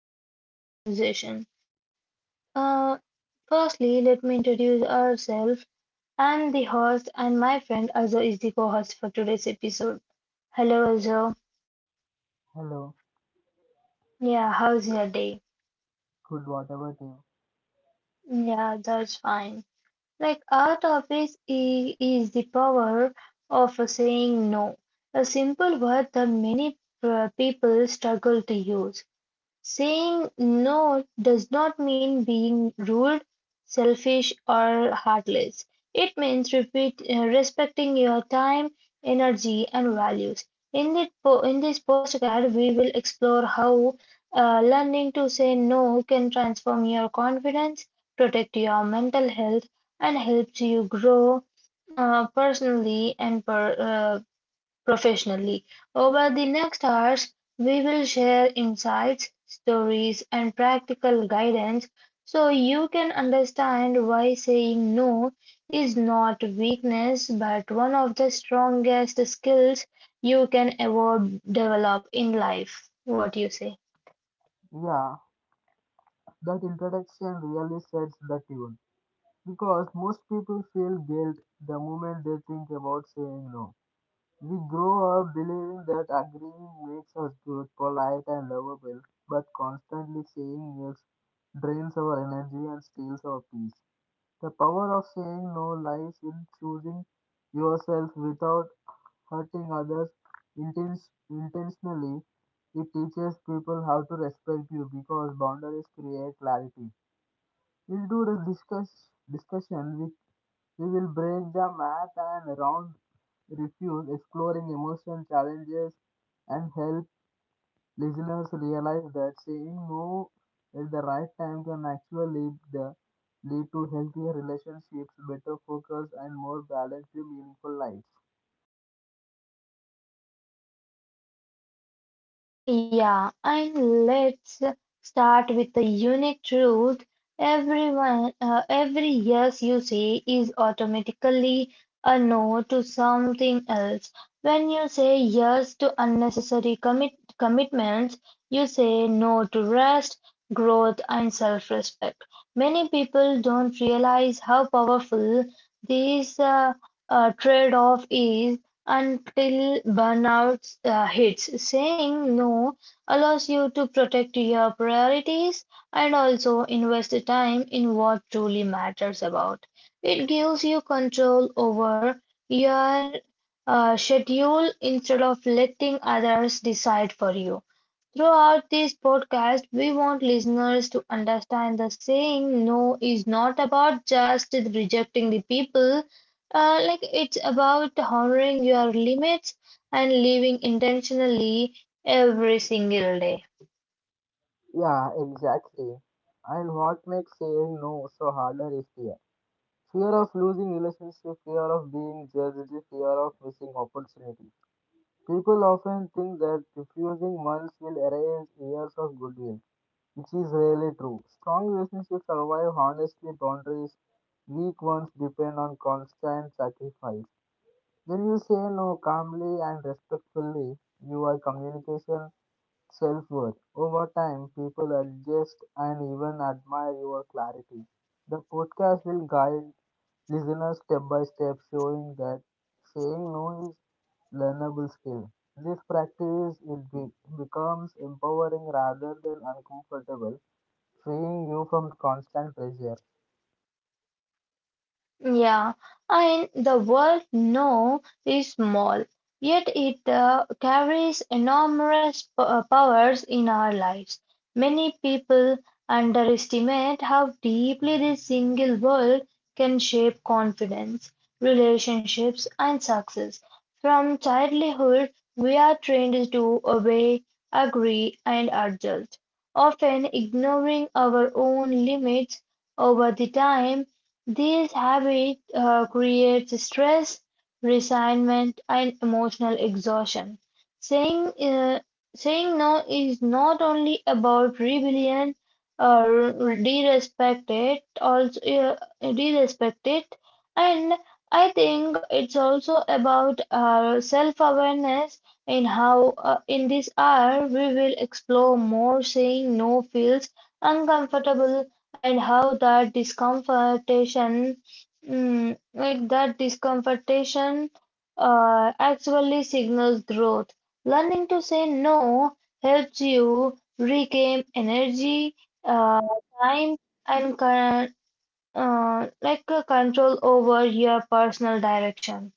And meaningful conversation. Uh, Firstly, let me introduce ourselves. I'm the host, and my friend Azo the co host for today's episode. Hello, Azo. Hello, Yeah, how's your day? good whatever to you. Yeah, that's fine. Like, our topic is the power of saying no, a simple word that many people struggle to use. Saying no does not mean being rude, selfish, or heartless. It means respecting your time, energy, and values. In this postcard, we will explore how learning to say no can transform your confidence, protect your mental health, and helps you grow personally and professionally. Over the next hours, we will share insights, stories, and practical guidance so you can understand why saying no is not weakness but one of the strongest skills you can ever develop in life. What do you say? Yeah, that introduction really sets the tune because most people feel guilt the moment they think about saying no. We grow up believing that agreeing makes us good, polite, and lovable, but constantly saying yes drains our energy and steals our peace. The power of saying no lies in choosing yourself without hurting others intentionally, it teaches people how to respect you because boundaries create clarity. We'll do discussion, we will break the math and round refuse, exploring emotion challenges, and help listeners realize that saying no at the right time can actually lead to healthier relationships, better focus, and more balanced, meaningful lives. Yeah, and let's start with the unique truth. Every yes you say is automatically a no to something else. When you say yes to unnecessary commitments, you say no to rest, growth, and self-respect. Many people don't realize how powerful this trade-off is until burnout hits. Saying no allows you to protect your priorities and also invest time in what truly matters about. It gives you control over your schedule instead of letting others decide for you. Throughout this podcast, we want listeners to understand the saying no is not about just rejecting the people, like it's about honoring your limits and living intentionally every single day. Yeah, exactly. And what makes saying no so harder is fear. Fear of losing relationship, fear of being judged, fear of missing opportunity. People often think that refusing once will erase years of goodwill, which is rarely true. Strong relationships survive honestly boundaries, weak ones depend on constant sacrifice. When you say no calmly and respectfully, your communication self-worth. Over time, people adjust and even admire your clarity. The podcast will guide listeners step by step, showing that saying no is learnable skill. This practice becomes empowering rather than uncomfortable, freeing you from constant pressure. Yeah, and the word no is small, yet it carries enormous powers in our lives. Many people underestimate how deeply this single word can shape confidence, relationships, and success. From childhood, we are trained to obey, agree, and adjust, often ignoring our own limits over the time. These habits create stress, resentment, and emotional exhaustion. Saying, uh, saying no is not only about rebellion or disrespect it, also disrespect it, and I think it's also about self-awareness in how in this hour we will explore more saying no feels uncomfortable and how that discomfortation mm, like that discomfortation actually signals growth. Learning to say no helps you regain energy, uh, time, and control over your personal direction.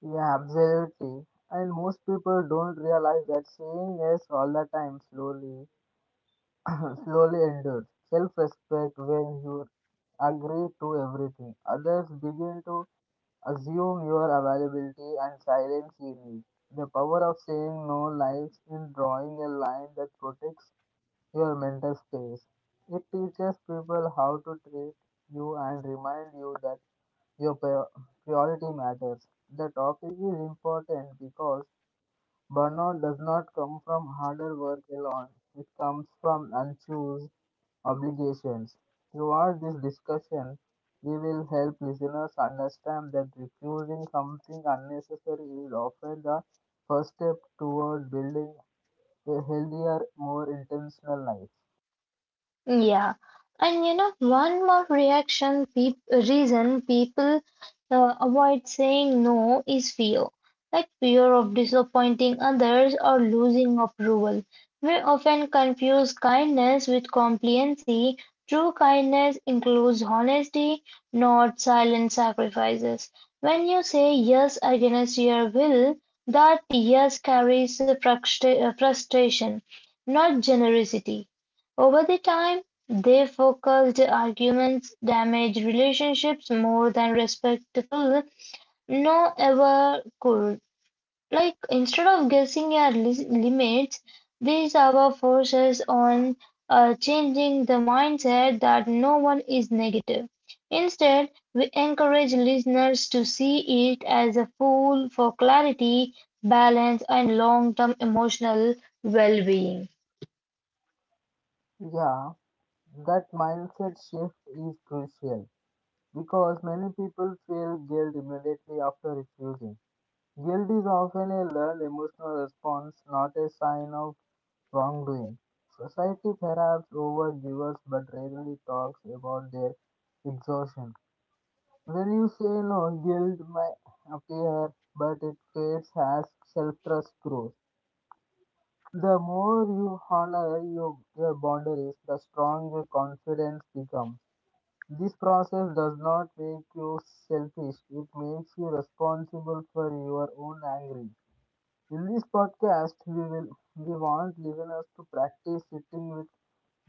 Yeah, absolutely. And most people don't realize that saying yes all the time slowly slowly endures. Self respect when you agree to everything. Others begin to assume your availability and silence you need. The power of saying no lies in drawing a line that protects your mental space. It teaches people how to treat you and remind you that your pri- priority matters. The topic is important because burnout does not come from harder work alone; it comes from unchoose obligations. Throughout this discussion, we will help listeners understand that refusing something unnecessary is often the first step toward building a healthier, more intentional life. Yeah, and one more reaction peop reason people avoid saying no is fear, like fear of disappointing others or losing approval. We often confuse kindness with compliancy. True kindness includes honesty, not silent sacrifices. When you say yes against your will, that yes carries frustration, not generosity. Over the time, their focused arguments damage relationships more than respectful no ever could. Like instead of guessing our limits, these our forces on changing the mindset that no one is negative. Instead, we encourage listeners to see it as a tool for clarity, balance, and long-term emotional well-being. Yeah, that mindset shift is crucial because many people feel guilt immediately after refusing. Guilt is often a learned emotional response, not a sign of wrongdoing. Society perhaps overgives but rarely talks about their exhaustion. When you say no, guilt may appear, but it fades as self trust grows. The more you honor your boundaries, the stronger confidence becomes. This process does not make you selfish, it makes you responsible for your own anger. In this podcast, we will we want listeners to practice sitting with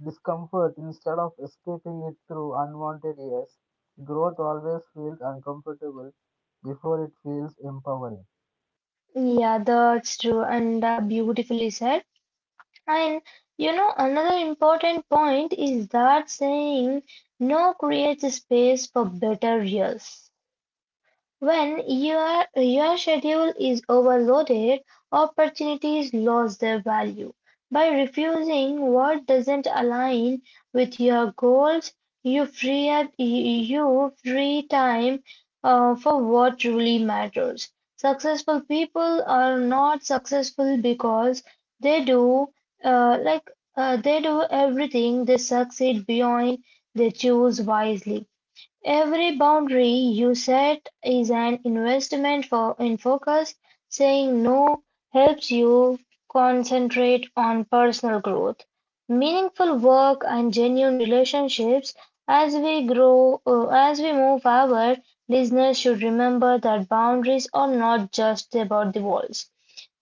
discomfort instead of escaping it through unwanted ears. Growth always feels uncomfortable before it feels empowering. Yeah, that's true and beautifully said. And another important point is that saying no creates space for better years. When your schedule is overloaded, opportunities lose their value. By refusing what doesn't align with your goals, you you free time for what truly matters. Successful people are not successful because they do uh, like they do everything. They succeed beyond. They choose wisely. Every boundary you set is an investment for in focus; saying "no" helps you concentrate on personal growth, meaningful work and genuine relationships. As we move forward, listeners should remember that boundaries are not just about the walls.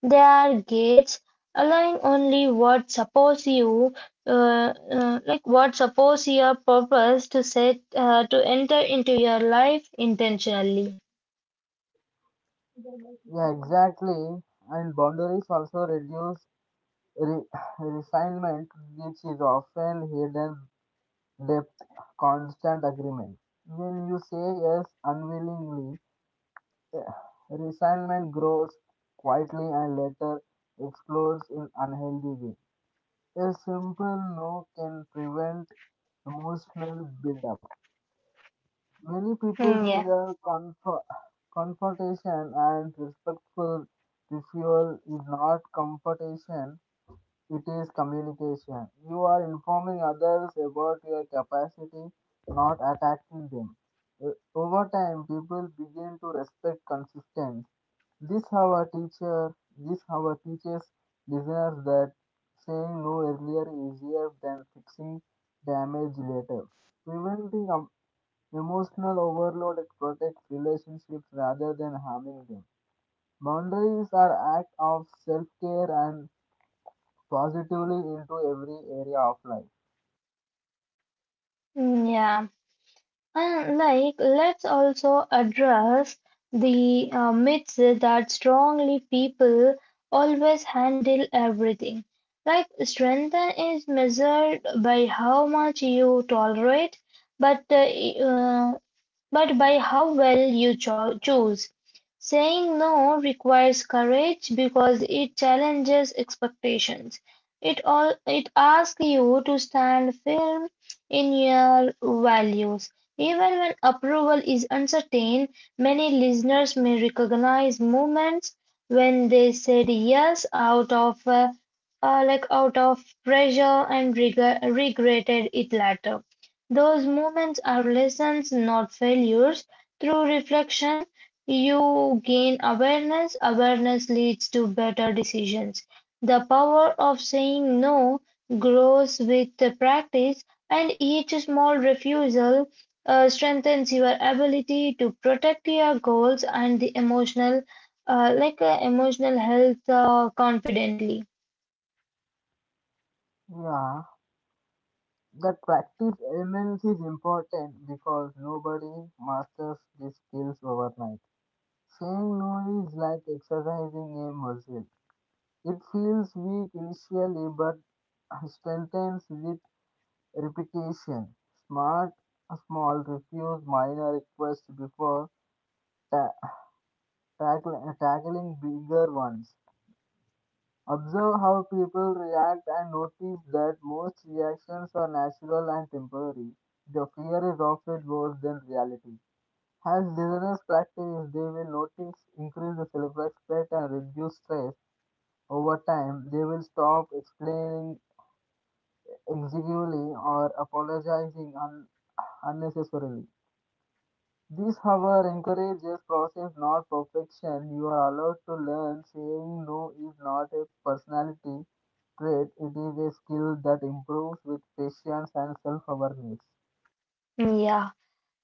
They are gates allowing only what supports you, like what suppose your purpose to set to enter into your life intentionally. Yeah, exactly. And boundaries also reduce re- resignment, which is often hidden depth, constant agreement. When you say yes unwillingly, resentment grows quietly and later explodes in unhealthy way. A simple no can prevent emotional buildup. Many Hmm, people yeah. fear confrontation and respectful refusal is not confrontation. It is communication. You are informing others about your capacity, not attacking them. Over time, people begin to respect consistency. This how our teaches listeners that saying no earlier is easier than fixing damage later. Preventing emotional overload protects relationships rather than harming them. Boundaries are act of self-care and positively into every area of life. Mm, yeah, and like let's also address the myths that strongly people always handle everything like strength is measured by how much you tolerate, but uh, but by how well you choose. Saying no requires courage because it challenges expectations. It asks you to stand firm in your values. Even when approval is uncertain, many listeners may recognize moments when they said yes out of pressure and regretted it later. Those moments are lessons, not failures. Through reflection, you gain awareness. Awareness leads to better decisions. The power of saying no grows with the practice, and each small refusal strengthens your ability to protect your goals and the emotional health confidently. Yeah, that practice element is important because nobody masters these skills overnight. Saying no is like exercising a muscle. It feels weak initially but strengthens with repetition. Smart, small, refuse minor requests before ta- tackling bigger ones. Observe how people react and notice that most reactions are natural and temporary. The fear is often worse than reality. As listeners practice, they will notice increase the self-respect and reduce stress. Over time, they will stop explaining exiguously or apologizing unnecessarily. This, however, encourages process, not perfection. You are allowed to learn. Saying no is not a personality trait, it is a skill that improves with patience and self awareness. Yeah.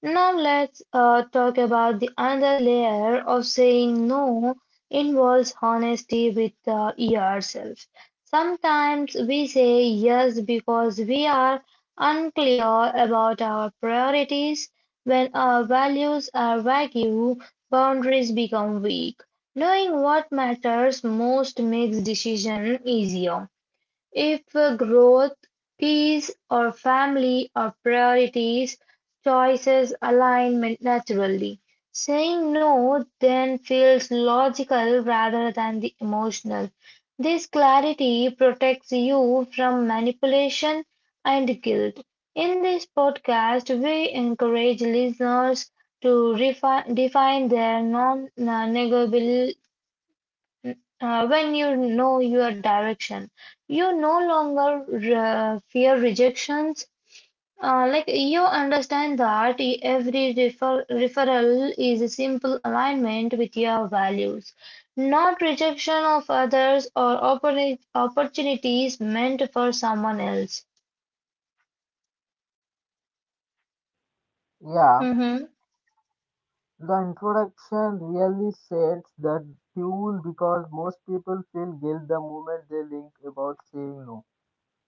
Now let's talk about the another layer of saying no involves honesty with yourself. Sometimes we say yes because we are unclear about our priorities. When our values are vague, boundaries become weak. Knowing what matters most makes decision easier. If growth, peace, or family are priorities, choices align naturally. Saying no then feels logical rather than the emotional. This clarity protects you from manipulation and guilt. In this podcast, we encourage listeners to define their non negotiable. When you know your direction, you no longer fear rejections. Like you understand that every referral is a simple alignment with your values, not rejection of others or opportunities meant for someone else. Yeah, Mm-hmm. the introduction really sets the tune because most people feel guilt the moment they think about saying no.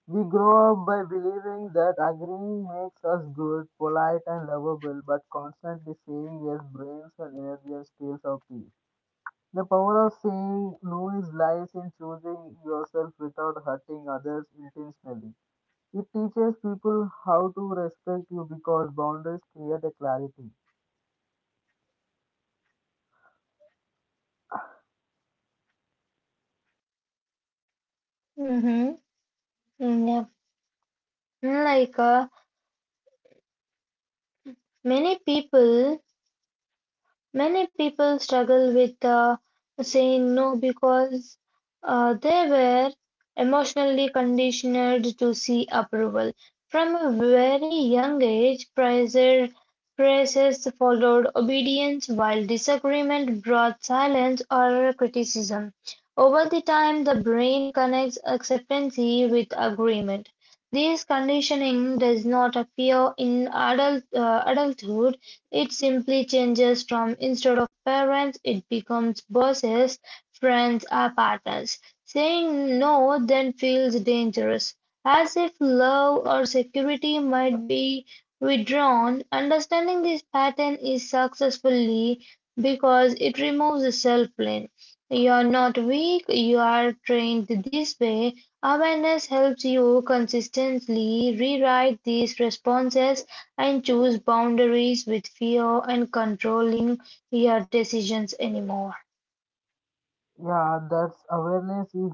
We grow up by believing that agreeing makes us good, polite, and lovable, but constantly saying yes drains our energy and steals our peace. The power of saying no is lies in choosing yourself without hurting others intentionally. It teaches people how to respect you because boundaries create a clarity. Mm-hmm. Mm, yeah. Many people. Many people struggle with saying no because they were emotionally conditioned to see approval. From a very young age, praises followed obedience, while disagreement brought silence or criticism. Over the time, the brain connects acceptance with agreement. This conditioning does not appear in adulthood. It simply changes from instead of parents, it becomes bosses, friends, or partners. Saying no then feels dangerous, as if love or security might be withdrawn. Understanding this pattern is successfully because it removes self blame. You are not weak, you are trained this way. Awareness helps you consistently rewrite these responses and choose boundaries with fear and controlling your decisions anymore. Yeah, that's awareness is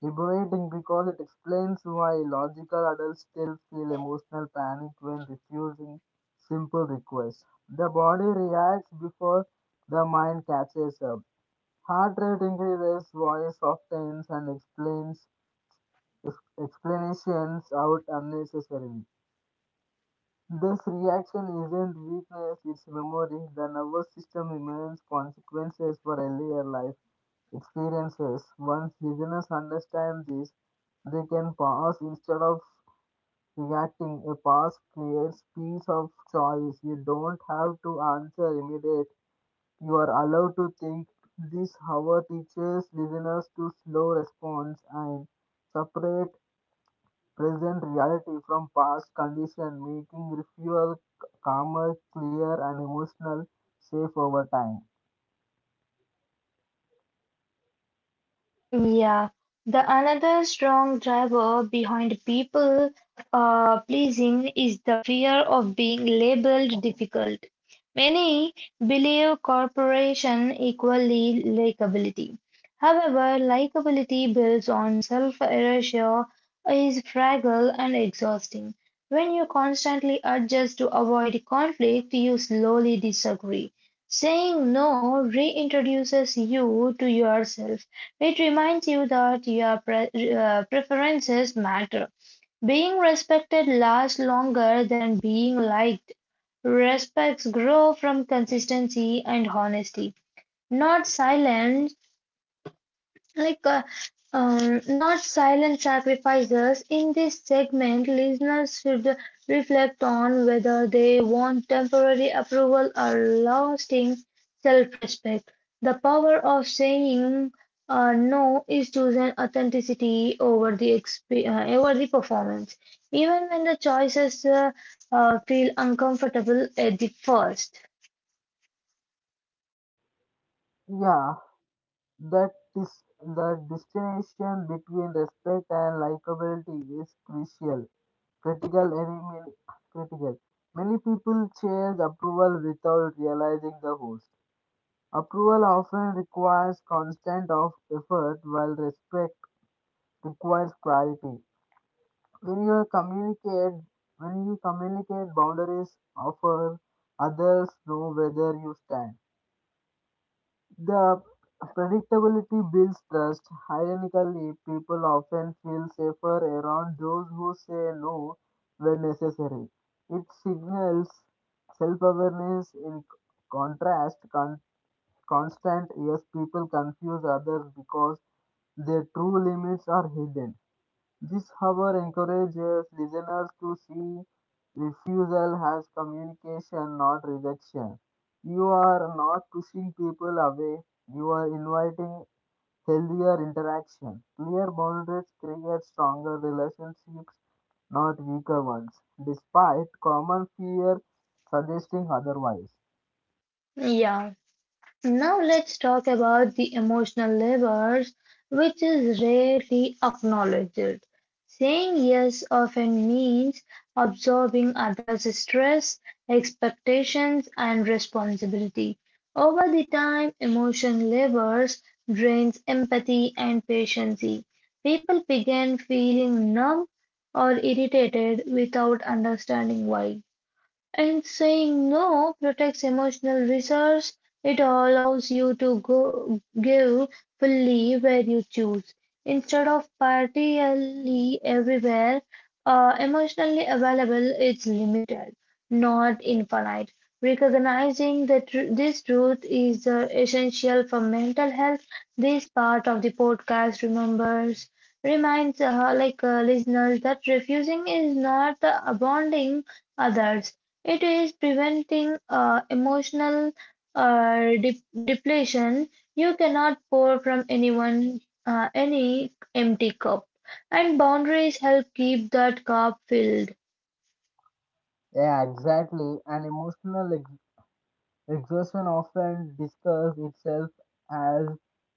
liberating because it explains why logical adults still feel emotional panic when refusing simple requests. The body reacts before the mind catches up. Heart rate increases, voice softens, and Ex- explanations out unnecessarily. This reaction isn't weakness, it's memory. The nervous system remains consequences for earlier life experiences. Once listeners understand this, they can pause instead of reacting. A pause creates peace of choice. You don't have to answer immediate. You are allowed to think. This, however, teaches listeners to slow response and separate present reality from past condition, making refuel calmer, clear, and emotional safe over time. Yeah, the another strong driver behind people pleasing is the fear of being labeled difficult. Many believe corporation equally likability. However, likability builds on self-erasure is fragile and exhausting. When you constantly adjust to avoid conflict, you slowly disagree. Saying no reintroduces you to yourself. It reminds you that your preferences matter. Being respected lasts longer than being liked. Respects grow from consistency and honesty, not silence, like, uh, not silent sacrifices. In this segment, listeners should reflect on whether they want temporary approval or lasting self-respect. The power of saying no is choosing authenticity over the performance, even when the choices feel uncomfortable at the first. Yeah, that is the distinction between respect and likability is crucial. Critical enemy, critical. Many people chase approval without realizing the host. Approval often requires constant of effort, while respect requires clarity. When you communicate when you communicate boundaries offer others know whether you stand the predictability builds trust ironically people often feel safer around those who say no when necessary it signals self-awareness in contrast con- constant yes people confuse others because their true limits are hidden this however encourages listeners to see refusal as communication, not rejection. You are not pushing people away, you are inviting healthier interaction. Clear boundaries create stronger relationships, not weaker ones, despite common fear suggesting otherwise. Yeah. Now let's talk about the emotional labor, which is rarely acknowledged. Saying yes often means absorbing others' stress, expectations, and responsibility. Over the time, emotion labors drains empathy and patience. People begin feeling numb or irritated without understanding why. And saying no protects emotional reserves. It allows you to go give fully where you choose, instead of partially everywhere. Emotionally available is limited, not infinite. Recognizing that this truth is essential for mental health. This part of the podcast remembers reminds like listeners that refusing is not abandoning others, it is preventing emotional uh, depletion. You cannot pour from any empty cup, and boundaries help keep that cup filled. Yeah, exactly. An emotional exhaustion often discussed itself as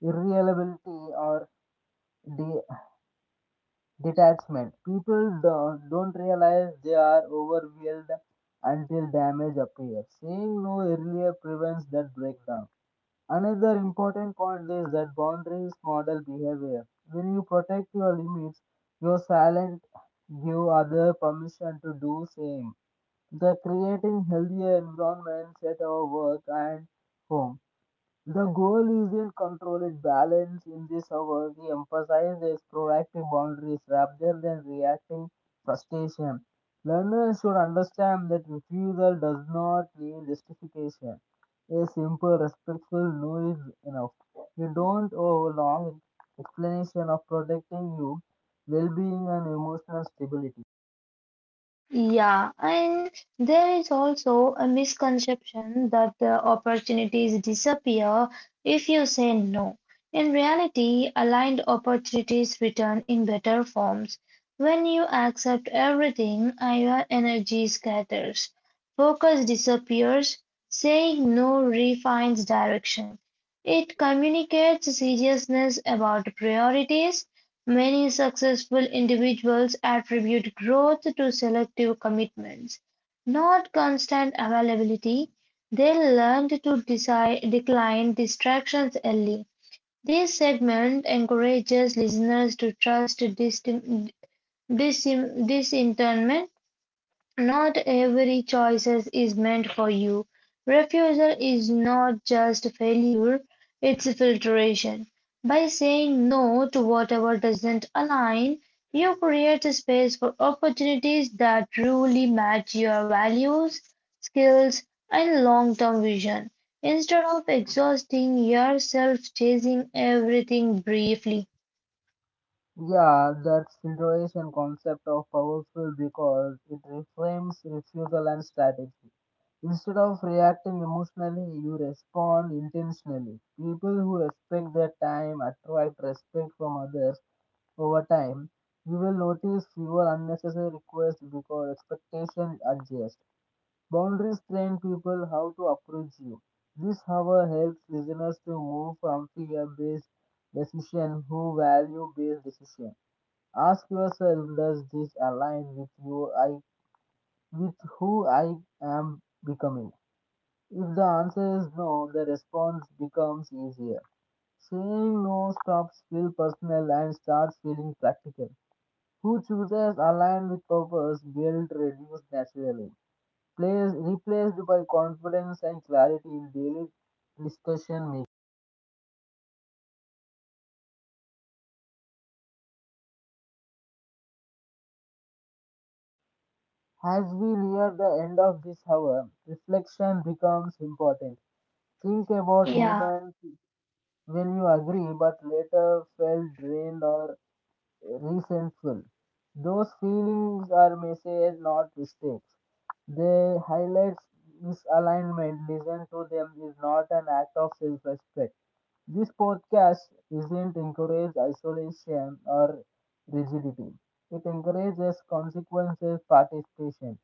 irreliability or detachment. People don't realize they are overwhelmed until damage appears. Saying no earlier prevents that breakdown. Another important point is that boundaries model behavior. When you protect your limits, your silent give other permission to do same. The creating healthier environments at our work and home. The goal is in controlled balance. In this hour, the emphasize is proactive boundaries rather than reacting frustration. Learners should understand that refusal does not need justification. A simple, respectful no is enough. You don't owe a long explanation of protecting you, well-being, and emotional stability. Yeah, and there is also a misconception that the opportunities disappear if you say no. In reality, aligned opportunities return in better forms. When you accept everything, your energy scatters, focus disappears, saying no refines direction. It communicates seriousness about priorities. Many successful individuals attribute growth to selective commitments, not constant availability. They learned to decline distractions early. This segment encourages listeners to trust disinterment. Not every choice is meant for you. Refusal is not just failure, it's filtration. By saying no to whatever doesn't align, you create a space for opportunities that truly match your values, skills, and long term vision. Instead of exhausting yourself chasing everything briefly. Yeah, that filtration concept of powerful because it reframes refusal and strategy. Instead of reacting emotionally, you respond intentionally. People who respect their time attract respect from others over time. You will notice fewer unnecessary requests because expectations adjust. Boundaries train people how to approach you. This, however, helps listeners to move from fear-based decision who value-based decision. Ask yourself, does this align with who I am becoming? If the answer is no, the response becomes easier. Saying no stops feel personal and starts feeling practical. Who chooses align with purpose, guilt reduced naturally. Place replaced by confidence and clarity in daily discussion making. As we near the end of this hour, reflection becomes important. Think about Yeah. moments when you agree but later felt drained or resentful. Those feelings are messages, not mistakes. They highlight misalignment. Listen to them is not an act of self respect. This podcast isn't encourage isolation or rigidity. It encourages consequences participation.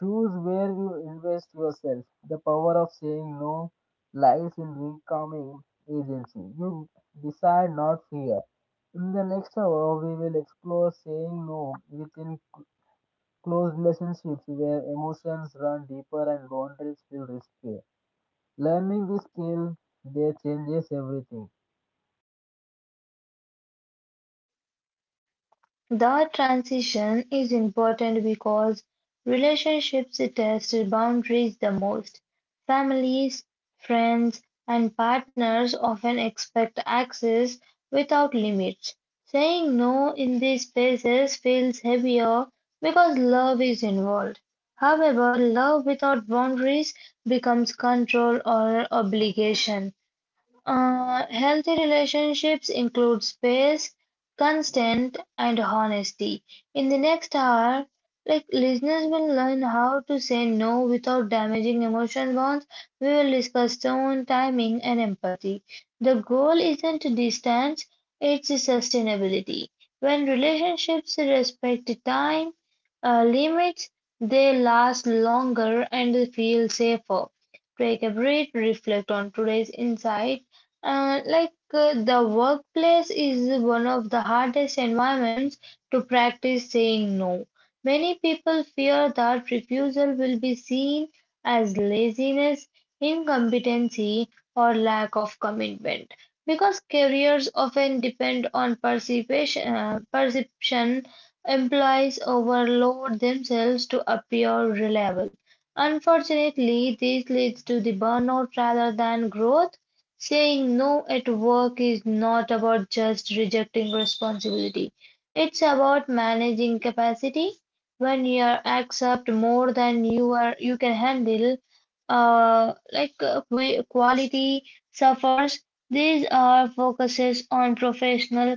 Choose where you invest yourself. The power of saying no lies in reclaiming agency. You decide not fear. In the next hour, we will explore saying no within close relationships where emotions run deeper and boundaries feel risky. Learning this skill, they changes everything. The transition is important because relationships test boundaries the most. Families, friends, and partners often expect access without limits. Saying no in these spaces feels heavier because love is involved. However, love without boundaries becomes control or obligation. Healthy relationships include space, consent, and honesty. In the next hour, like listeners will learn how to say no without damaging emotion bonds. We will discuss tone, timing, and empathy. The goal isn't distance, it's sustainability. When relationships respect time limits, they last longer and feel safer. Take a breath, reflect on today's insight. The workplace is one of the hardest environments to practice saying no. Many people fear that refusal will be seen as laziness, incompetency, or lack of commitment. Because careers often depend on perception employees overload themselves to appear reliable. Unfortunately, this leads to the burnout rather than growth. Saying no at work is not about just rejecting responsibility. It's about managing capacity. When you are accept more than you can handle, quality suffers. These are focuses on professional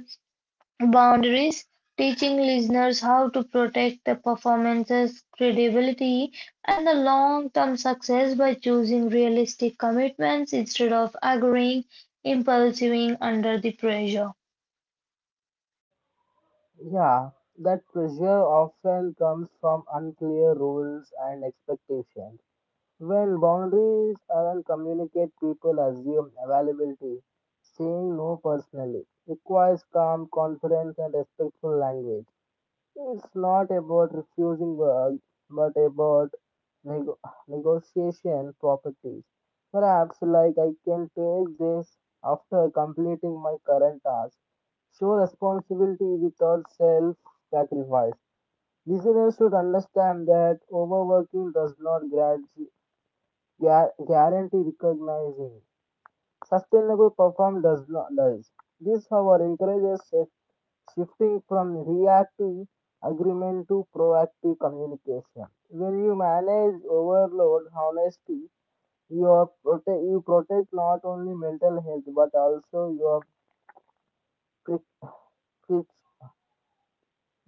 Boundaries: Teaching listeners how to protect the performance's credibility and the long-term success by choosing realistic commitments instead of agreeing impulsively under the pressure. Yeah, that pressure often comes from unclear rules and expectations. When boundaries aren't communicated, people assume availability. Saying no personally requires calm, confidence, and respectful language. It's not about refusing work, but about nego negotiation properties. Perhaps, like, I can take this after completing my current task. Show responsibility without self sacrifice. Listeners should understand that overworking does not guarantee recognizing. Sustainable perform does not does. This, however, encourages shifting from reactive agreement to proactive communication. When you manage overload honestly, you protect not only mental health but also your cri- cri-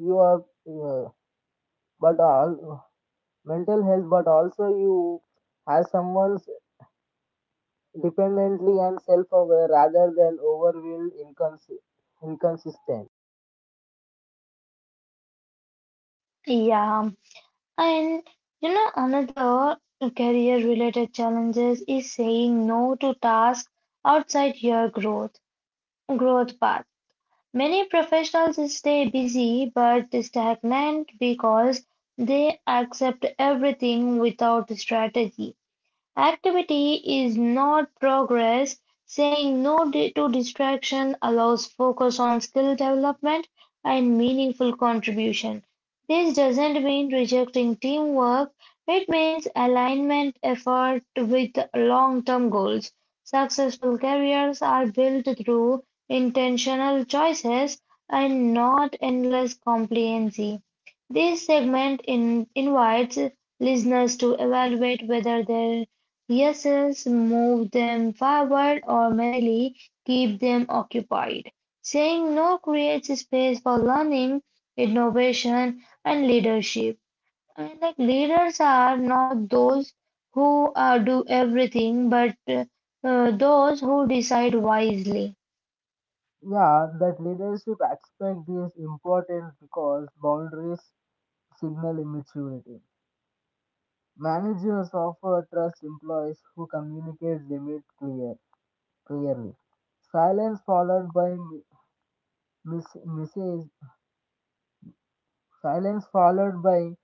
your uh, but all mental health, but also you as someone's dependently and self-aware rather than overwhelmed inconsistent. Yeah, and you know another career-related challenges is saying no to tasks outside your growth path. Many professionals stay busy but stagnant because they accept everything without strategy. Activity is not progress. Saying no di- to distraction allows focus on skill development and meaningful contribution. This doesn't mean rejecting teamwork, it means alignment effort with long term goals. Successful careers are built through intentional choices and not endless compliancy. This invites listeners to evaluate whether their Yes'ls move them forward or merely keep them occupied. Saying no creates space for learning, innovation, and leadership. And like leaders are not those who do everything, but those who decide wisely. Yeah, that leadership aspect is important because boundaries signal immaturity. Managers often trust employees who communicate clearly. Silence followed by message, silence followed by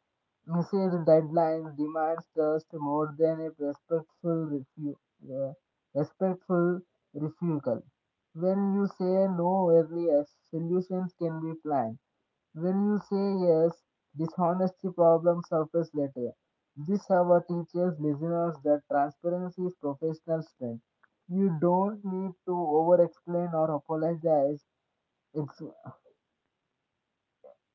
message deadlines demands trust more than a uh, respectful refusal. When you say no early, solutions can be planned. When you say yes, dishonesty problems surface later. This hour teaches listeners that transparency is professional strength. You don't need to over explain or apologize ex-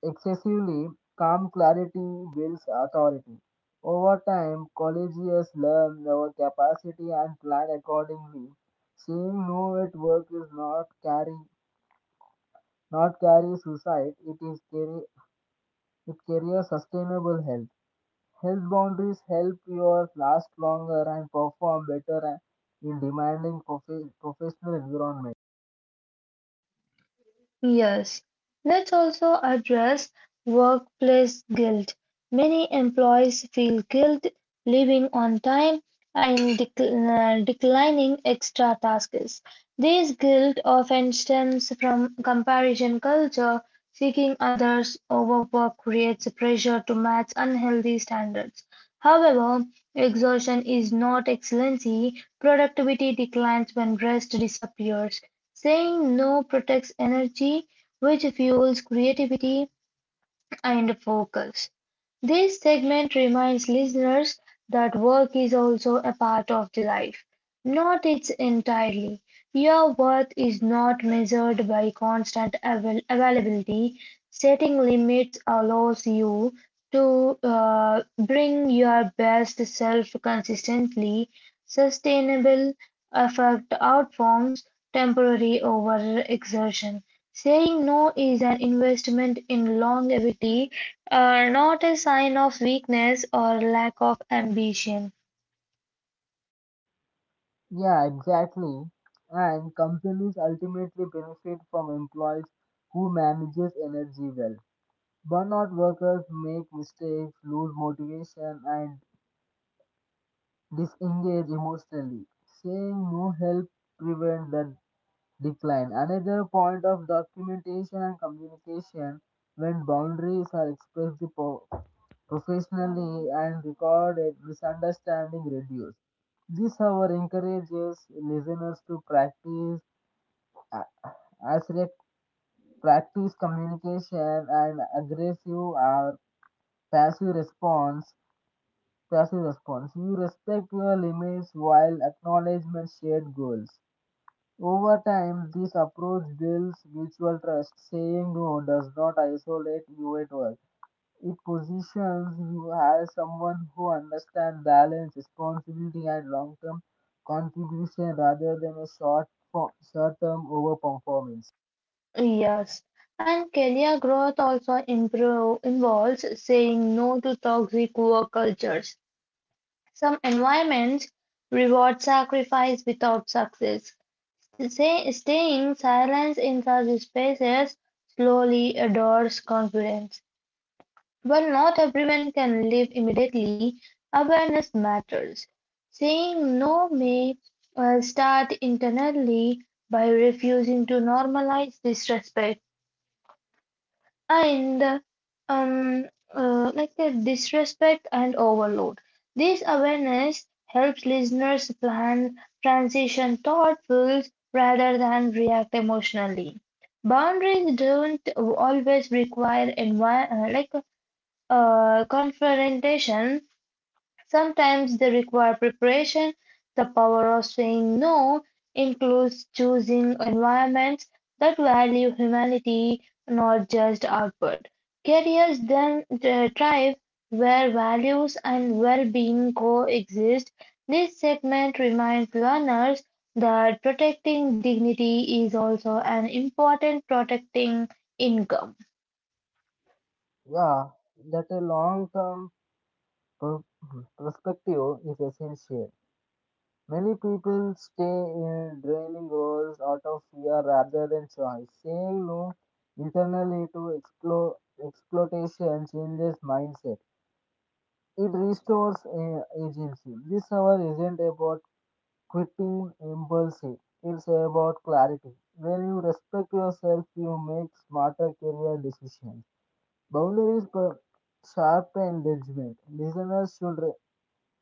excessively. Calm clarity builds authority. Over time, collegians learn our capacity and plan accordingly. Saying no at work is not carry suicide, it is carry it carries sustainable health. Health boundaries help you last longer and perform better in demanding professional environment. Yes, let's also address workplace guilt. Many employees feel guilt leaving on time and declining extra tasks. This guilt often stems from comparison culture. Seeking others over work creates a pressure to match unhealthy standards. However, exhaustion is not excellency. Productivity declines when rest disappears. Saying no protects energy, which fuels creativity and focus. This segment reminds listeners that work is also a part of the life, not its entirely. Your worth is not measured by constant availability. Setting limits allows you to bring your best self consistently. Sustainable effect outforms temporary overexertion. Saying no is an investment in longevity, not a sign of weakness or lack of ambition. Yeah, exactly. And companies ultimately benefit from employees who manages energy well. Burnout workers make mistakes, lose motivation, and disengage emotionally. Saying no help prevent the decline. Another point of documentation and communication when boundaries are expressed professionally and recorded misunderstanding reduced. This, however, encourages listeners to practice a- accelerate practice communication and aggressive or passive response. passive response. You respect your limits while acknowledgement shared goals. Over time, this approach builds mutual trust. Saying no does not isolate you at work. It positions you as someone who understands balance, responsibility, and long term contribution rather than a short term over performance. Yes, and career growth also involves saying no to toxic work cultures. Some environments reward sacrifice without success. Staying silent in such spaces slowly adores confidence. While not everyone can live immediately, awareness matters. Saying no may start internally by refusing to normalize disrespect. and um, uh, like the disrespect and overload. This awareness helps listeners plan transition thoughtfully rather than react emotionally. Boundaries don't always require confrontation. Sometimes they require preparation. The power of saying no includes choosing environments that value humanity, not just output. Careers then thrive where values and well being coexist. This segment reminds learners that protecting dignity is also an important protecting income. Yeah, that a long term perspective is essential. Many people stay in draining roles out of fear rather than choice. Saying no internally to exploitation changes mindset. It restores agency. This hour isn't about quitting impulsive. It's about clarity. When you respect yourself, you make smarter career decisions. Boundaries per sharpen judgment. Listeners should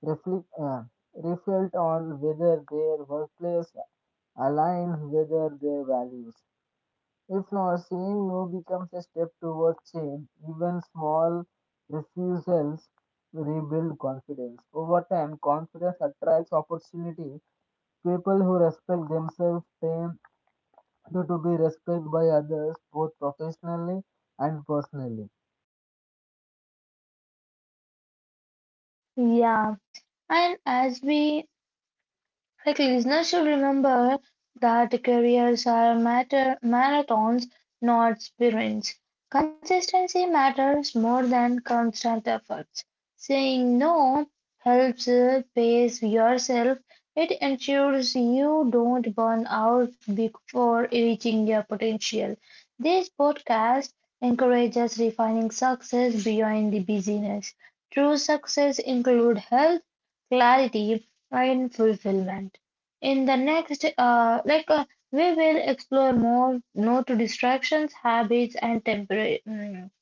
reflect, uh, reflect on whether their workplace aligns with their values. If not, saying no becomes a step towards change. Even small refusals rebuild confidence. Over time, confidence attracts opportunity. People who respect themselves tend to be respected by others both professionally and personally. Yeah. And as we Like listeners should remember that careers are matter marathons, not sprints. Consistency matters more than constant efforts. Saying no helps pace yourself. It ensures you don't burn out before reaching your potential. This podcast encourages refining success beyond the busyness. True success include health, clarity, and fulfillment. In the next, we will explore more note to distractions, habits, and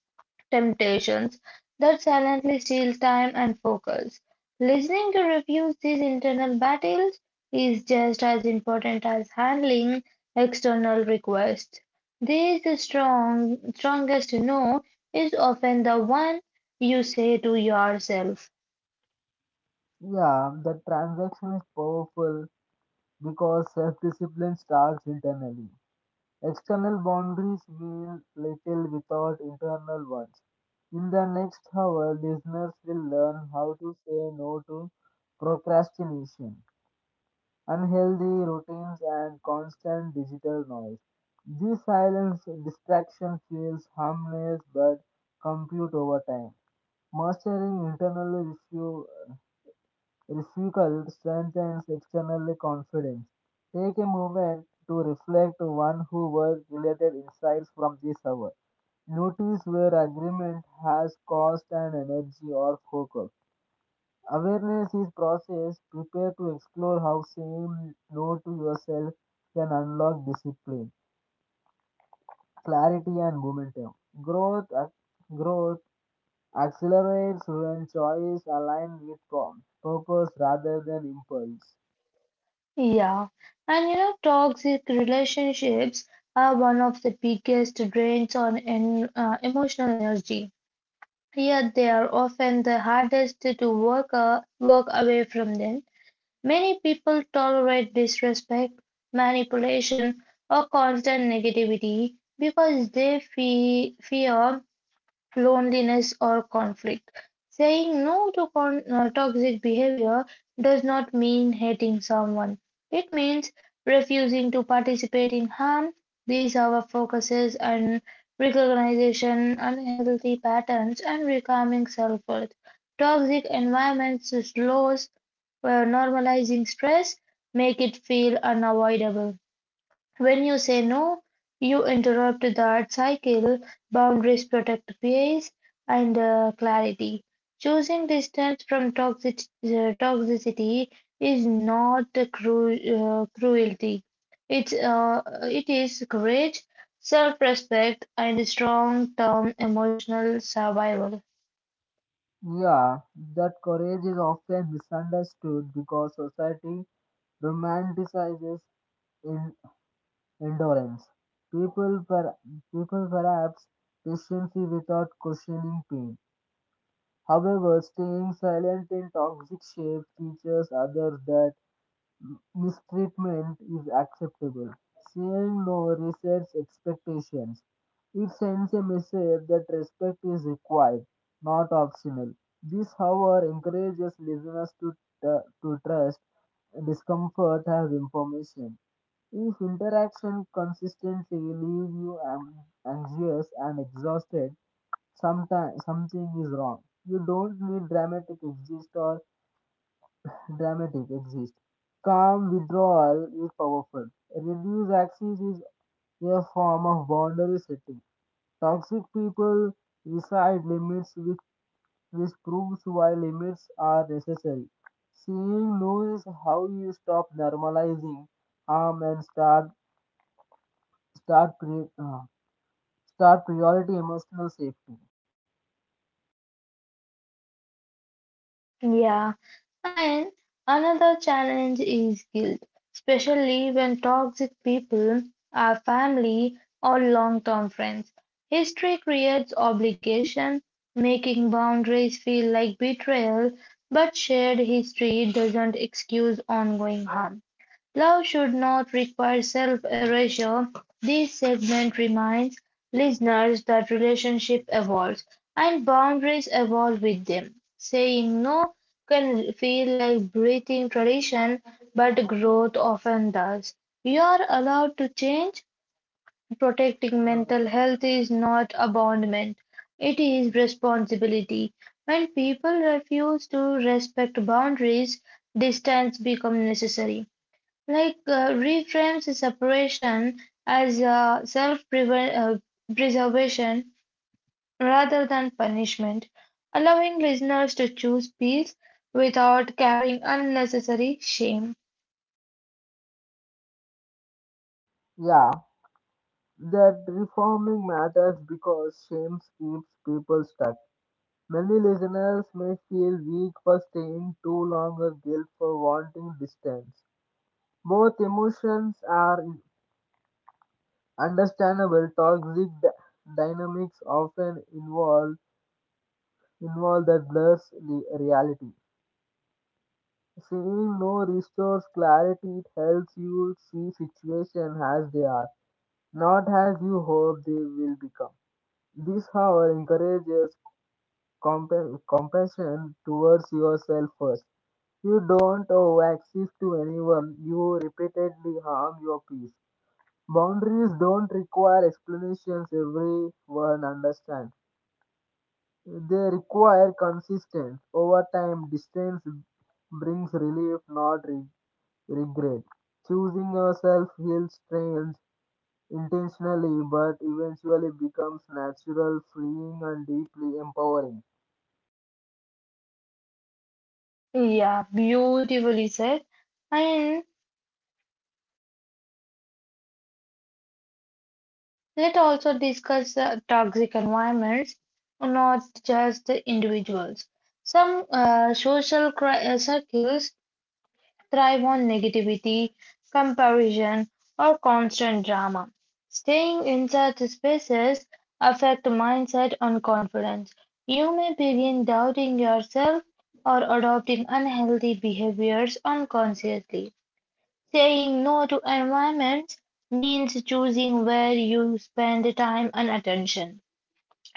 temptations that silently steal time and focus. Listening to refuse these internal battles is just as important as handling external requests. This the strongest no is often the one you say to yourself. Yeah, the transaction is powerful because self discipline starts internally. External boundaries mean little without internal ones. In the next hour, listeners will learn how to say no to procrastination, unhealthy routines, and constant digital noise. This silence distraction feels harmless but compute over time. Mastering internal refusal strengthens external confidence. Take a moment to reflect on who work related insights from this hour. Notice where agreement has cost and energy or focus. Awareness is process. Prepare to explore how saying no to yourself can unlock discipline, clarity, and momentum. Growth, ac- growth accelerates when choice aligns with form, purpose rather than impulse. Yeah, and you know, toxic relationships are one of the biggest drains on en emotional energy. Yet they are often the hardest to walk away from them. Many people tolerate disrespect, manipulation, or constant negativity because they fe fear loneliness, or conflict. Saying no to toxic behavior does not mean hating someone, it means refusing to participate in harm. These are our focuses and recognition, unhealthy patterns, and reclaiming self worth. Toxic environments normalizing stress, make it feel unavoidable. When you say no, you interrupt that cycle. Boundaries protect peace and clarity. Choosing distance from toxicity is not cruelty. It is courage, self respect, and strong term emotional survival. Yeah, that courage is often misunderstood because society romanticizes in endurance. People, per, people perhaps patiently without questioning pain. However, staying silent in toxic shapes teaches others that mistreatment is acceptable. Saying no resets expectations. It sends a message that respect is required, not optional. This, however, encourages listeners to trust discomfort as information. If interaction consistently leave you anxious and exhausted, sometimes something is wrong. You don't need dramatic exist or dramatic exist. Calm withdrawal is powerful. Reduced access is a form of boundary setting. Toxic people recite limits which proves why limits are necessary. Saying no is how you stop normalizing harm and start start pre, uh, start priority emotional safety. Yeah, and another challenge is guilt, especially when toxic people are family or long term friends. History creates obligation, making boundaries feel like betrayal, but shared history doesn't excuse ongoing harm. Love should not require self-erasure. This segment reminds listeners that relationships evolve and boundaries evolve with them. Saying no can feel like breathing tradition, but growth often does. You are allowed to change. Protecting mental health is not abandonment, it is responsibility. When people refuse to respect boundaries, distance becomes necessary. Reframes separation as a self-preservation rather than punishment, allowing listeners to choose peace without carrying unnecessary shame. Yeah, that reforming matters because shame keeps people stuck. Many listeners may feel weak for staying too long or guilt for wanting distance. Both emotions are understandable. Toxic dynamics often involve that blurs the reality. Saying no restores clarity. It helps you see situation as they are, not as you hope they will become. This, however, encourages compassion towards yourself first. You don't owe access to anyone. You repeatedly harm your peace. Boundaries don't require explanations everyone understands. They require consistent. Over time, distance brings relief, not regret. Choosing yourself feels strange intentionally, but eventually becomes natural, freeing, and deeply empowering. Yeah, beautifully said. And let's also discuss toxic environments, not just the individuals. Some social circles thrive on negativity, comparison, or constant drama. Staying in such spaces affect mindset and confidence. You may begin doubting yourself or adopting unhealthy behaviors unconsciously. Saying no to environments means choosing where you spend time and attention.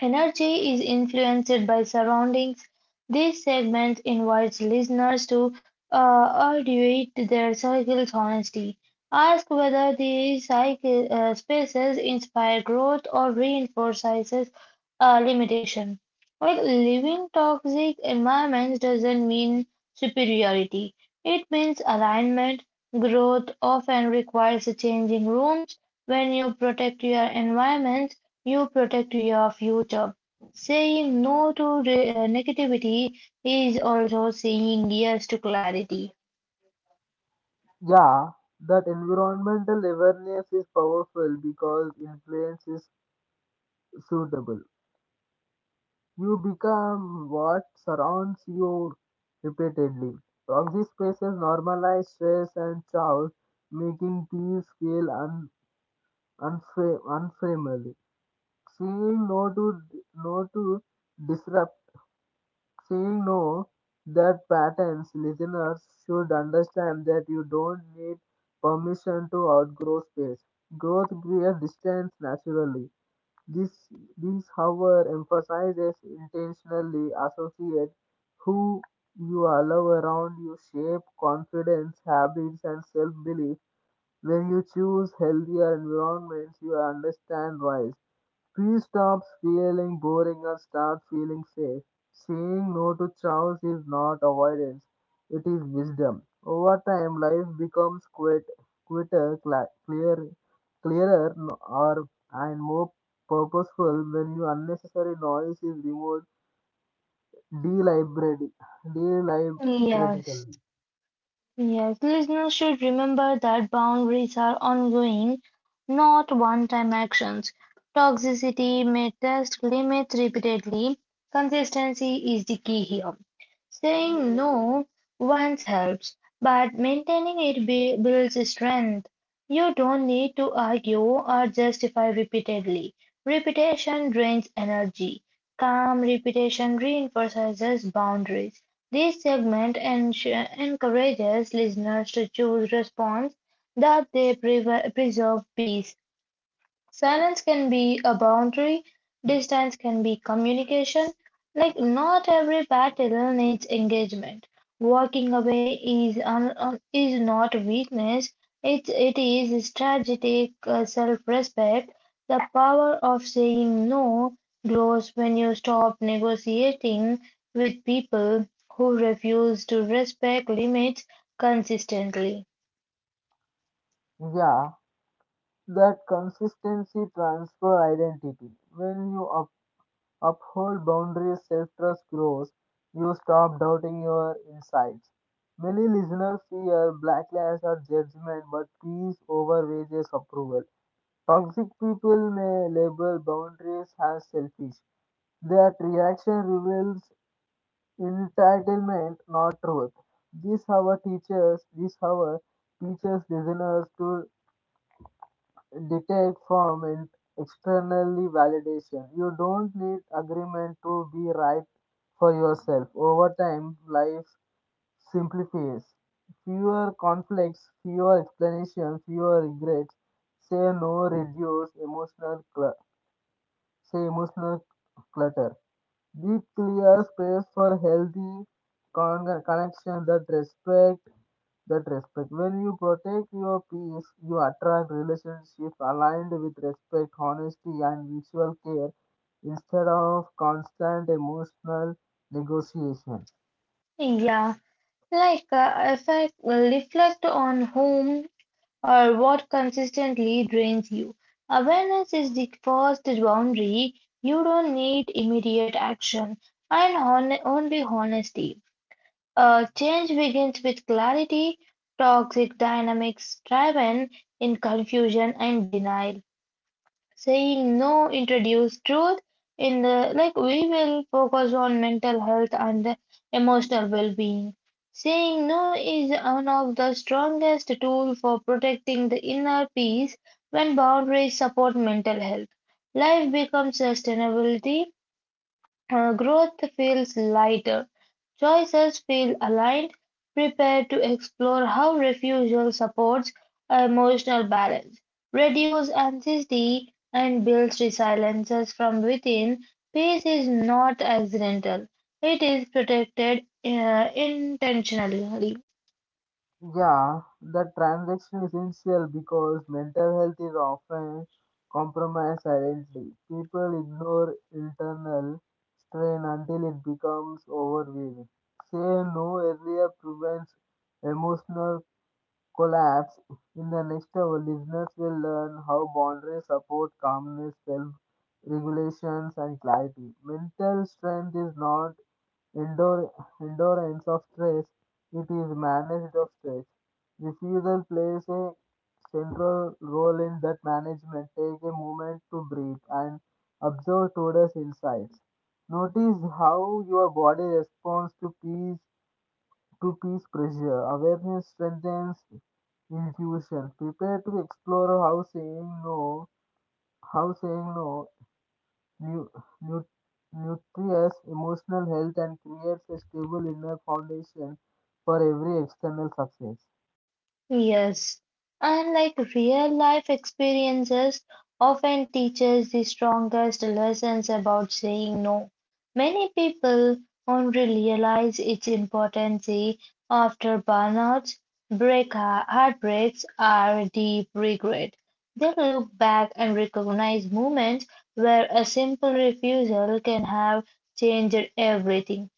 Energy is influenced by surroundings. This segment invites listeners to evaluate their circle's honesty. Ask whether these spaces inspire growth or reinforce limitation. While living toxic environments doesn't mean superiority, it means alignment. Growth often requires changing rooms. When you protect your environment, you protect your future. Saying no to negativity is also saying yes to clarity. Yeah, that environmental awareness is powerful because influence is suitable. You become what surrounds you repeatedly. Toxic spaces normalize stress and chaos, making peace feel unfamiliar. Saying no to no to disrupt. She'll know that patterns. Listeners should understand that you don't need permission to outgrow space. Growth creates distance naturally. This, this, however, emphasizes intentionally associate who you allow around you shape confidence, habits, and self-belief. When you choose healthier environments, you understand why. Please stop feeling boring and start feeling safe. Saying no to chores is not avoidance, it is wisdom. Over time, life becomes quit, quitter, cla clear, clearer, n- or and more purposeful when your unnecessary noise is removed deliberately. deliberately. Yes. Yes, listeners should remember that boundaries are ongoing, not one-time actions. Toxicity may test limits repeatedly. Consistency is the key here. Saying no once helps, but maintaining it builds strength. You don't need to argue or justify repeatedly. Repetition drains energy. Calm repetition reinforces boundaries. This segment encourages listeners to choose response that they preserve peace. Silence can be a boundary, distance can be communication. Like, not every battle needs engagement. Walking away is not weakness, it is strategic self respect. The power of saying no grows when you stop negotiating with people who refuse to respect limits consistently. Yeah, that consistency transfer identity. When you uphold boundaries, self-trust grows, you stop doubting your insights. Many listeners fear backlash or judgment, but peace overweighs approval. Toxic people may label boundaries as selfish. That reaction reveals entitlement, not truth. This hour teaches listeners to detached from an externally validation. You don't need agreement to be right for yourself. Over time, life simplifies. Fewer conflicts, fewer explanations, fewer regrets. Say no, reduce emotional clu- say emotional clutter. Give clear space for healthy connection that respect. When you protect your peace, you attract relationships aligned with respect, honesty, and mutual care instead of constant emotional negotiation. Yeah, if I reflect on whom or what consistently drains you. Awareness is the first boundary. You don't need immediate action and only honesty. Change begins with clarity. Toxic dynamics thrive in confusion and denial saying no introduce truth in the like we will focus on mental health and emotional well-being saying no is one of the strongest tools for protecting the inner peace when boundaries support mental health life becomes sustainability. Growth feels lighter. Choices feel aligned. Prepare to explore how refusal supports emotional balance, reduce anxiety, and builds resiliences from within. Peace is not accidental, it is protected intentionally. Yeah, the transaction is essential because mental health is often compromised silently. People ignore internal strain until it becomes overwhelming. Say no earlier prevents emotional collapse. In the next hour, listeners will learn how boundaries support calmness, self regulations, and clarity. Mental strength is not endure- endurance of stress, it is management of stress. Refusal plays a central role in that management. Take a moment to breathe and observe today's insights. Notice how your body responds to peace pressure. Awareness strengthens intuition. Prepare to explore how saying no nu- nu- nurtures emotional health and creates a stable inner foundation for every external success. Yes, unlike real life experiences, often teaches the strongest lessons about saying no. Many people only realize its importance after burnouts, break heartbreaks, or deep regret. They look back and recognize moments where a simple refusal can have changed everything.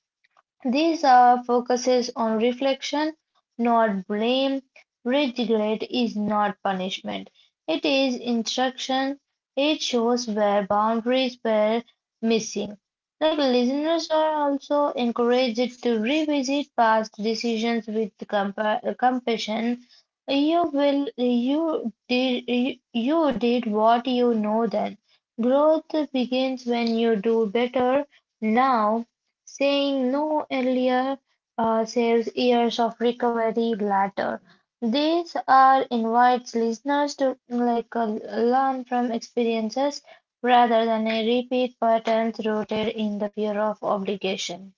These are focuses on reflection, not blame. Regret is not punishment, it is instruction. It shows where boundaries were missing. Like listeners are also encouraged to revisit past decisions with compassion. You will you did you, you did what you know then. Growth begins when you do better now. Saying no earlier saves years of recovery later. These are invites listeners to learn from experiences rather than a repeat patterns rooted in the fear of obligation.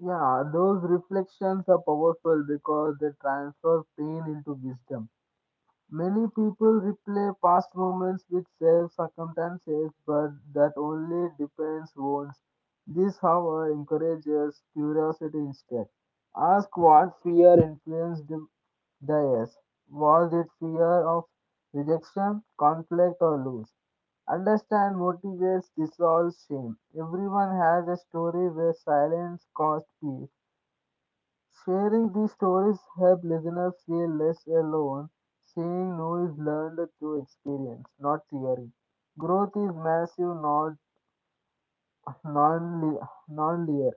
Yeah, those reflections are powerful because they transfer pain into wisdom. Many people replay past moments with self circumstances, but that only depends once. This, however, encourages curiosity instead. Ask what fear influenced the yes. Was it fear of rejection, conflict, or loss? Understand motivates dissolves shame. Everyone has a story where silence caused peace. Sharing these stories help listeners feel less alone. Saying no is learned through experience, not theory. Growth is massive, not non linear.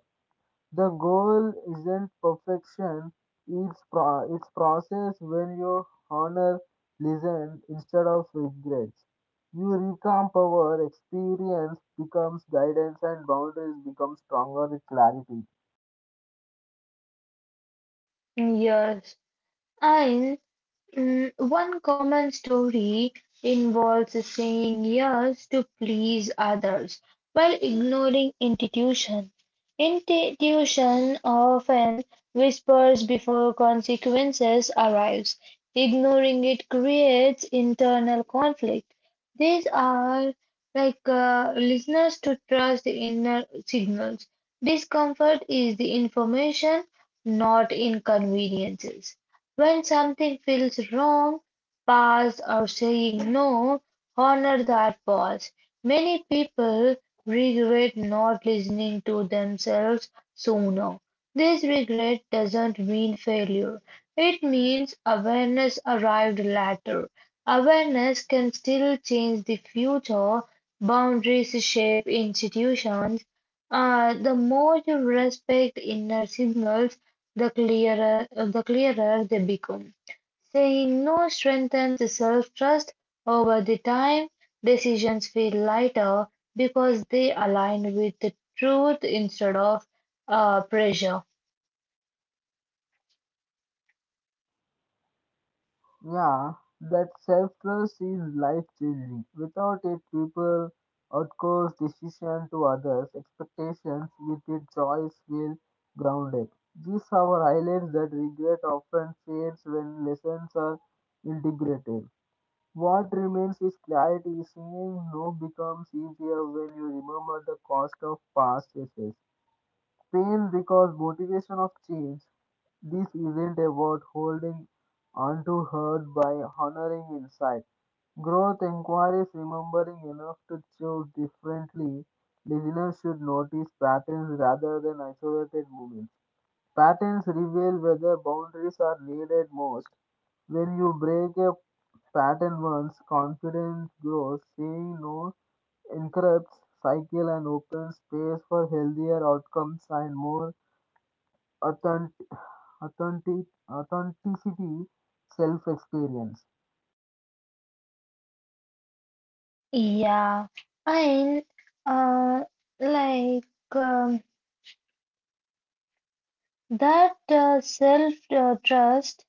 The goal isn't perfection, it's process when you honor, listen instead of regrets. You recompower, experience becomes guidance, and boundaries become stronger with clarity. Yes, and one common story involves saying yes to please others while ignoring intuition. Intuition often whispers before consequences arrives. Ignoring it creates internal conflict. These are listeners to trust the inner signals. Discomfort is the information, not inconveniences. When something feels wrong, pause or saying no, honor that pause. Many people regret not listening to themselves sooner. This regret doesn't mean failure. It means awareness arrived later. Awareness can still change the future. Boundaries shape institutions. The more you respect inner signals, the clearer they become. Saying no strengthens self-trust. Over the time, decisions feel lighter because they align with the truth instead of pressure. Yeah, that self trust is life changing. Without it, people outsource decision to others' expectations. With it, choice will grounded. This, however, highlights that regret often fades when lessons are integrated. What remains is clarity. Saying no becomes easier when you remember the cost of past choices fail because motivation of change. This isn't about holding onto hurt by honoring insight. Growth inquiries remembering enough to choose differently. Listeners should notice patterns rather than isolated moments. Patterns reveal where boundaries are needed most. When you break a pattern once, confidence grows. Saying no interrupts cycle and opens space for healthier outcomes and more authentic, authenticity self-experience. Yeah, and uh, like um, that self-trust.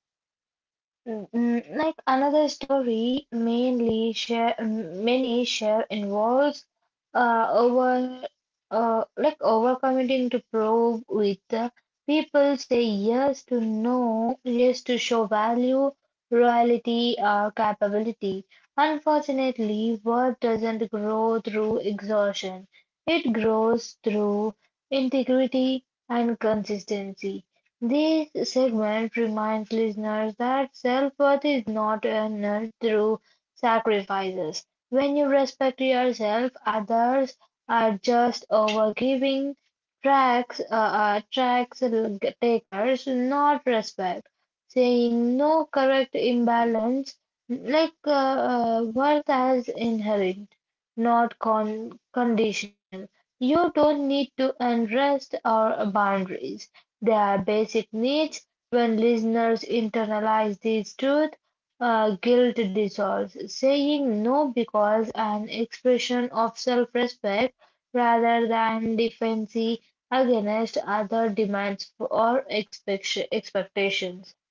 Like another story, many share involves uh, over overcommitting to probe with the people say yes to no, yes to show value, loyalty, or capability. Unfortunately, worth doesn't grow through exhaustion. It grows through integrity and consistency. This segment reminds listeners that self-worth is not earned through sacrifices. When you respect yourself, others are just overgiving tracks are tracks takers, not respect saying no correct imbalance worth as inherent not conditional you don't need to unrest our boundaries they are basic needs when listeners internalize these truths guilt dissolves saying no because an expression of self-respect rather than defensive against other demands or expectations.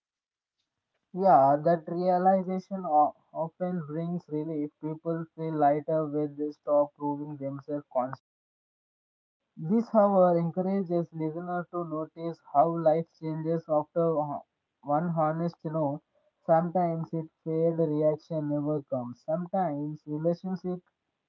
Yeah, that realization often brings relief. People feel lighter when they stop proving themselves. This, however, encourages listeners to notice how life changes after one honest no. Sometimes it failed reaction never comes. Sometimes relationship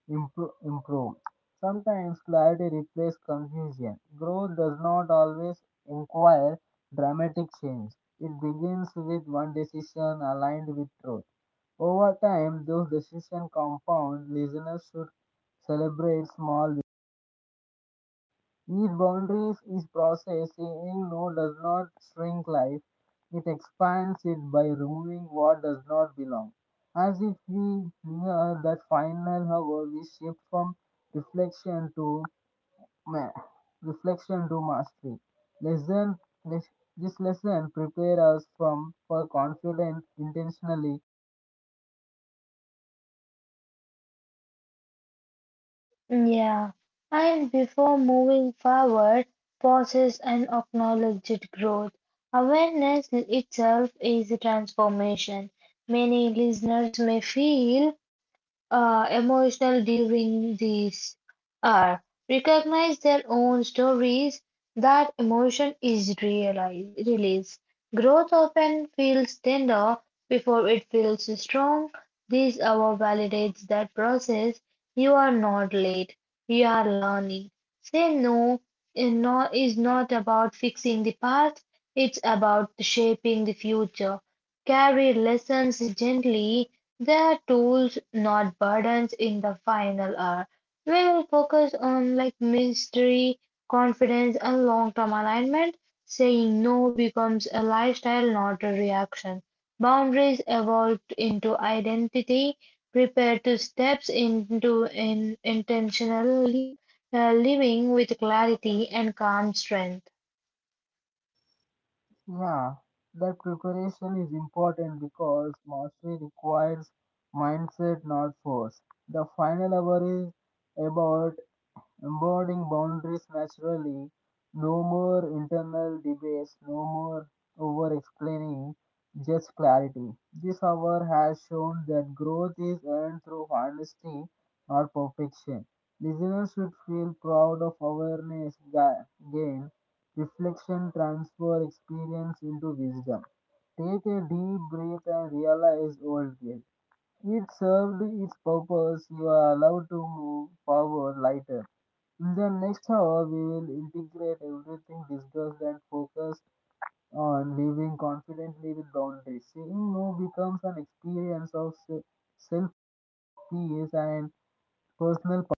improve. Sometimes clarity replaces confusion. Growth does not always require dramatic change. It begins with one decision aligned with truth. Over time, those decisions compound. Listeners should celebrate small each boundary is processing no does not shrink life. It expands it by removing what does not belong. As if we near that final hour, we shift from reflection to ma- reflection to mastery. Lesson, les- this lesson prepare us from for confident intentionally. Yeah, and before moving forward, pauses and acknowledged growth. Awareness itself is a transformation. Many listeners may feel emotional during these are recognize their own stories that emotion is realized. Released growth often feels tender before it feels strong. This hour validates that process. You are not late, you are learning. Say no is not about fixing the past, it's about shaping the future. Carry lessons gently, they are tools, not burdens in the final hour. We will focus on like mystery, confidence, and long-term alignment. Saying no becomes a lifestyle, not a reaction. Boundaries evolved into identity. Prepare to steps into in intentional living with clarity and calm strength. Yeah, that preparation is important because mastery requires mindset, not force. The final hour is about embodying boundaries naturally, no more internal debates, no more over explaining, just clarity. This hour has shown that growth is earned through honesty, not perfection. Listeners should feel proud of awareness gain, reflection, transfer experience into wisdom. Take a deep breath and realize old guilt. It served its purpose. You are allowed to move forward later. In the next hour, we will integrate everything discussed and focus on living confidently with boundaries. Saying no becomes an experience of self peace and personal power.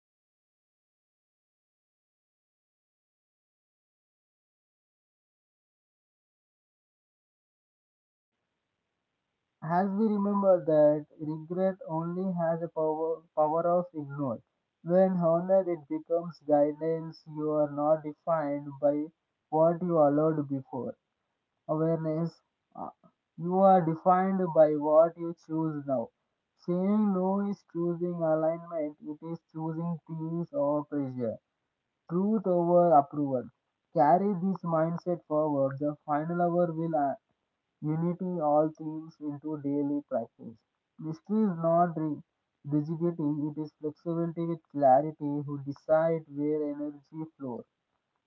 As we remember that regret only has a power of ignore. When honored, it becomes guidance. You are not defined by what you allowed before. Awareness. Uh, You are defined by what you choose now. Saying no is choosing alignment, it is choosing peace over pressure, truth over approval. Carry this mindset forward. The final hour will unity all things into daily practice. Mystery is not rigidity, it is flexibility with clarity who decide where energy flows.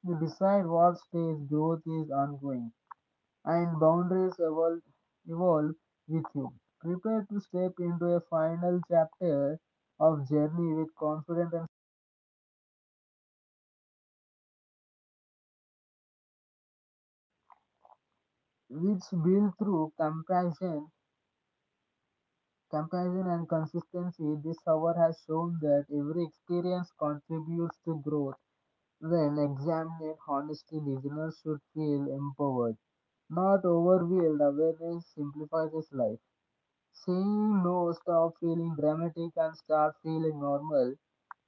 You decide what stage growth is ongoing and boundaries evolve with you. Prepare to step into a final chapter of journey with confidence and which built through compassion and consistency. This hour has shown that every experience contributes to growth. When examined honestly, listeners should feel empowered, not overwhelmed. Awareness simplifies life. Saying no stop feeling dramatic and start feeling normal.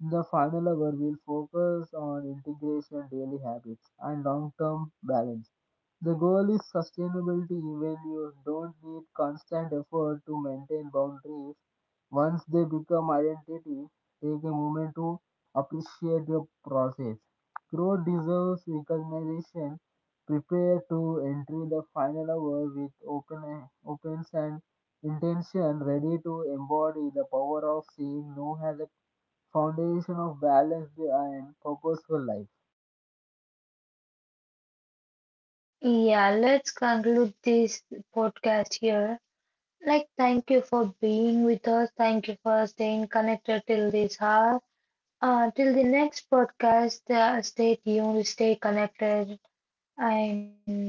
In the final hour, we'll focus on integration, daily habits, and long term balance. The goal is sustainability when you don't need constant effort to maintain boundaries. Once they become identity, take a moment to appreciate your process. Growth deserves recognition. Prepare to enter the final hour with opens and intention ready to embody the power of seeing new has a foundation of balanced and purposeful life. Yeah, let's conclude this podcast here. Like, thank you for being with us. Thank you for staying connected till this hour. Till the next podcast, stay tuned, stay connected, and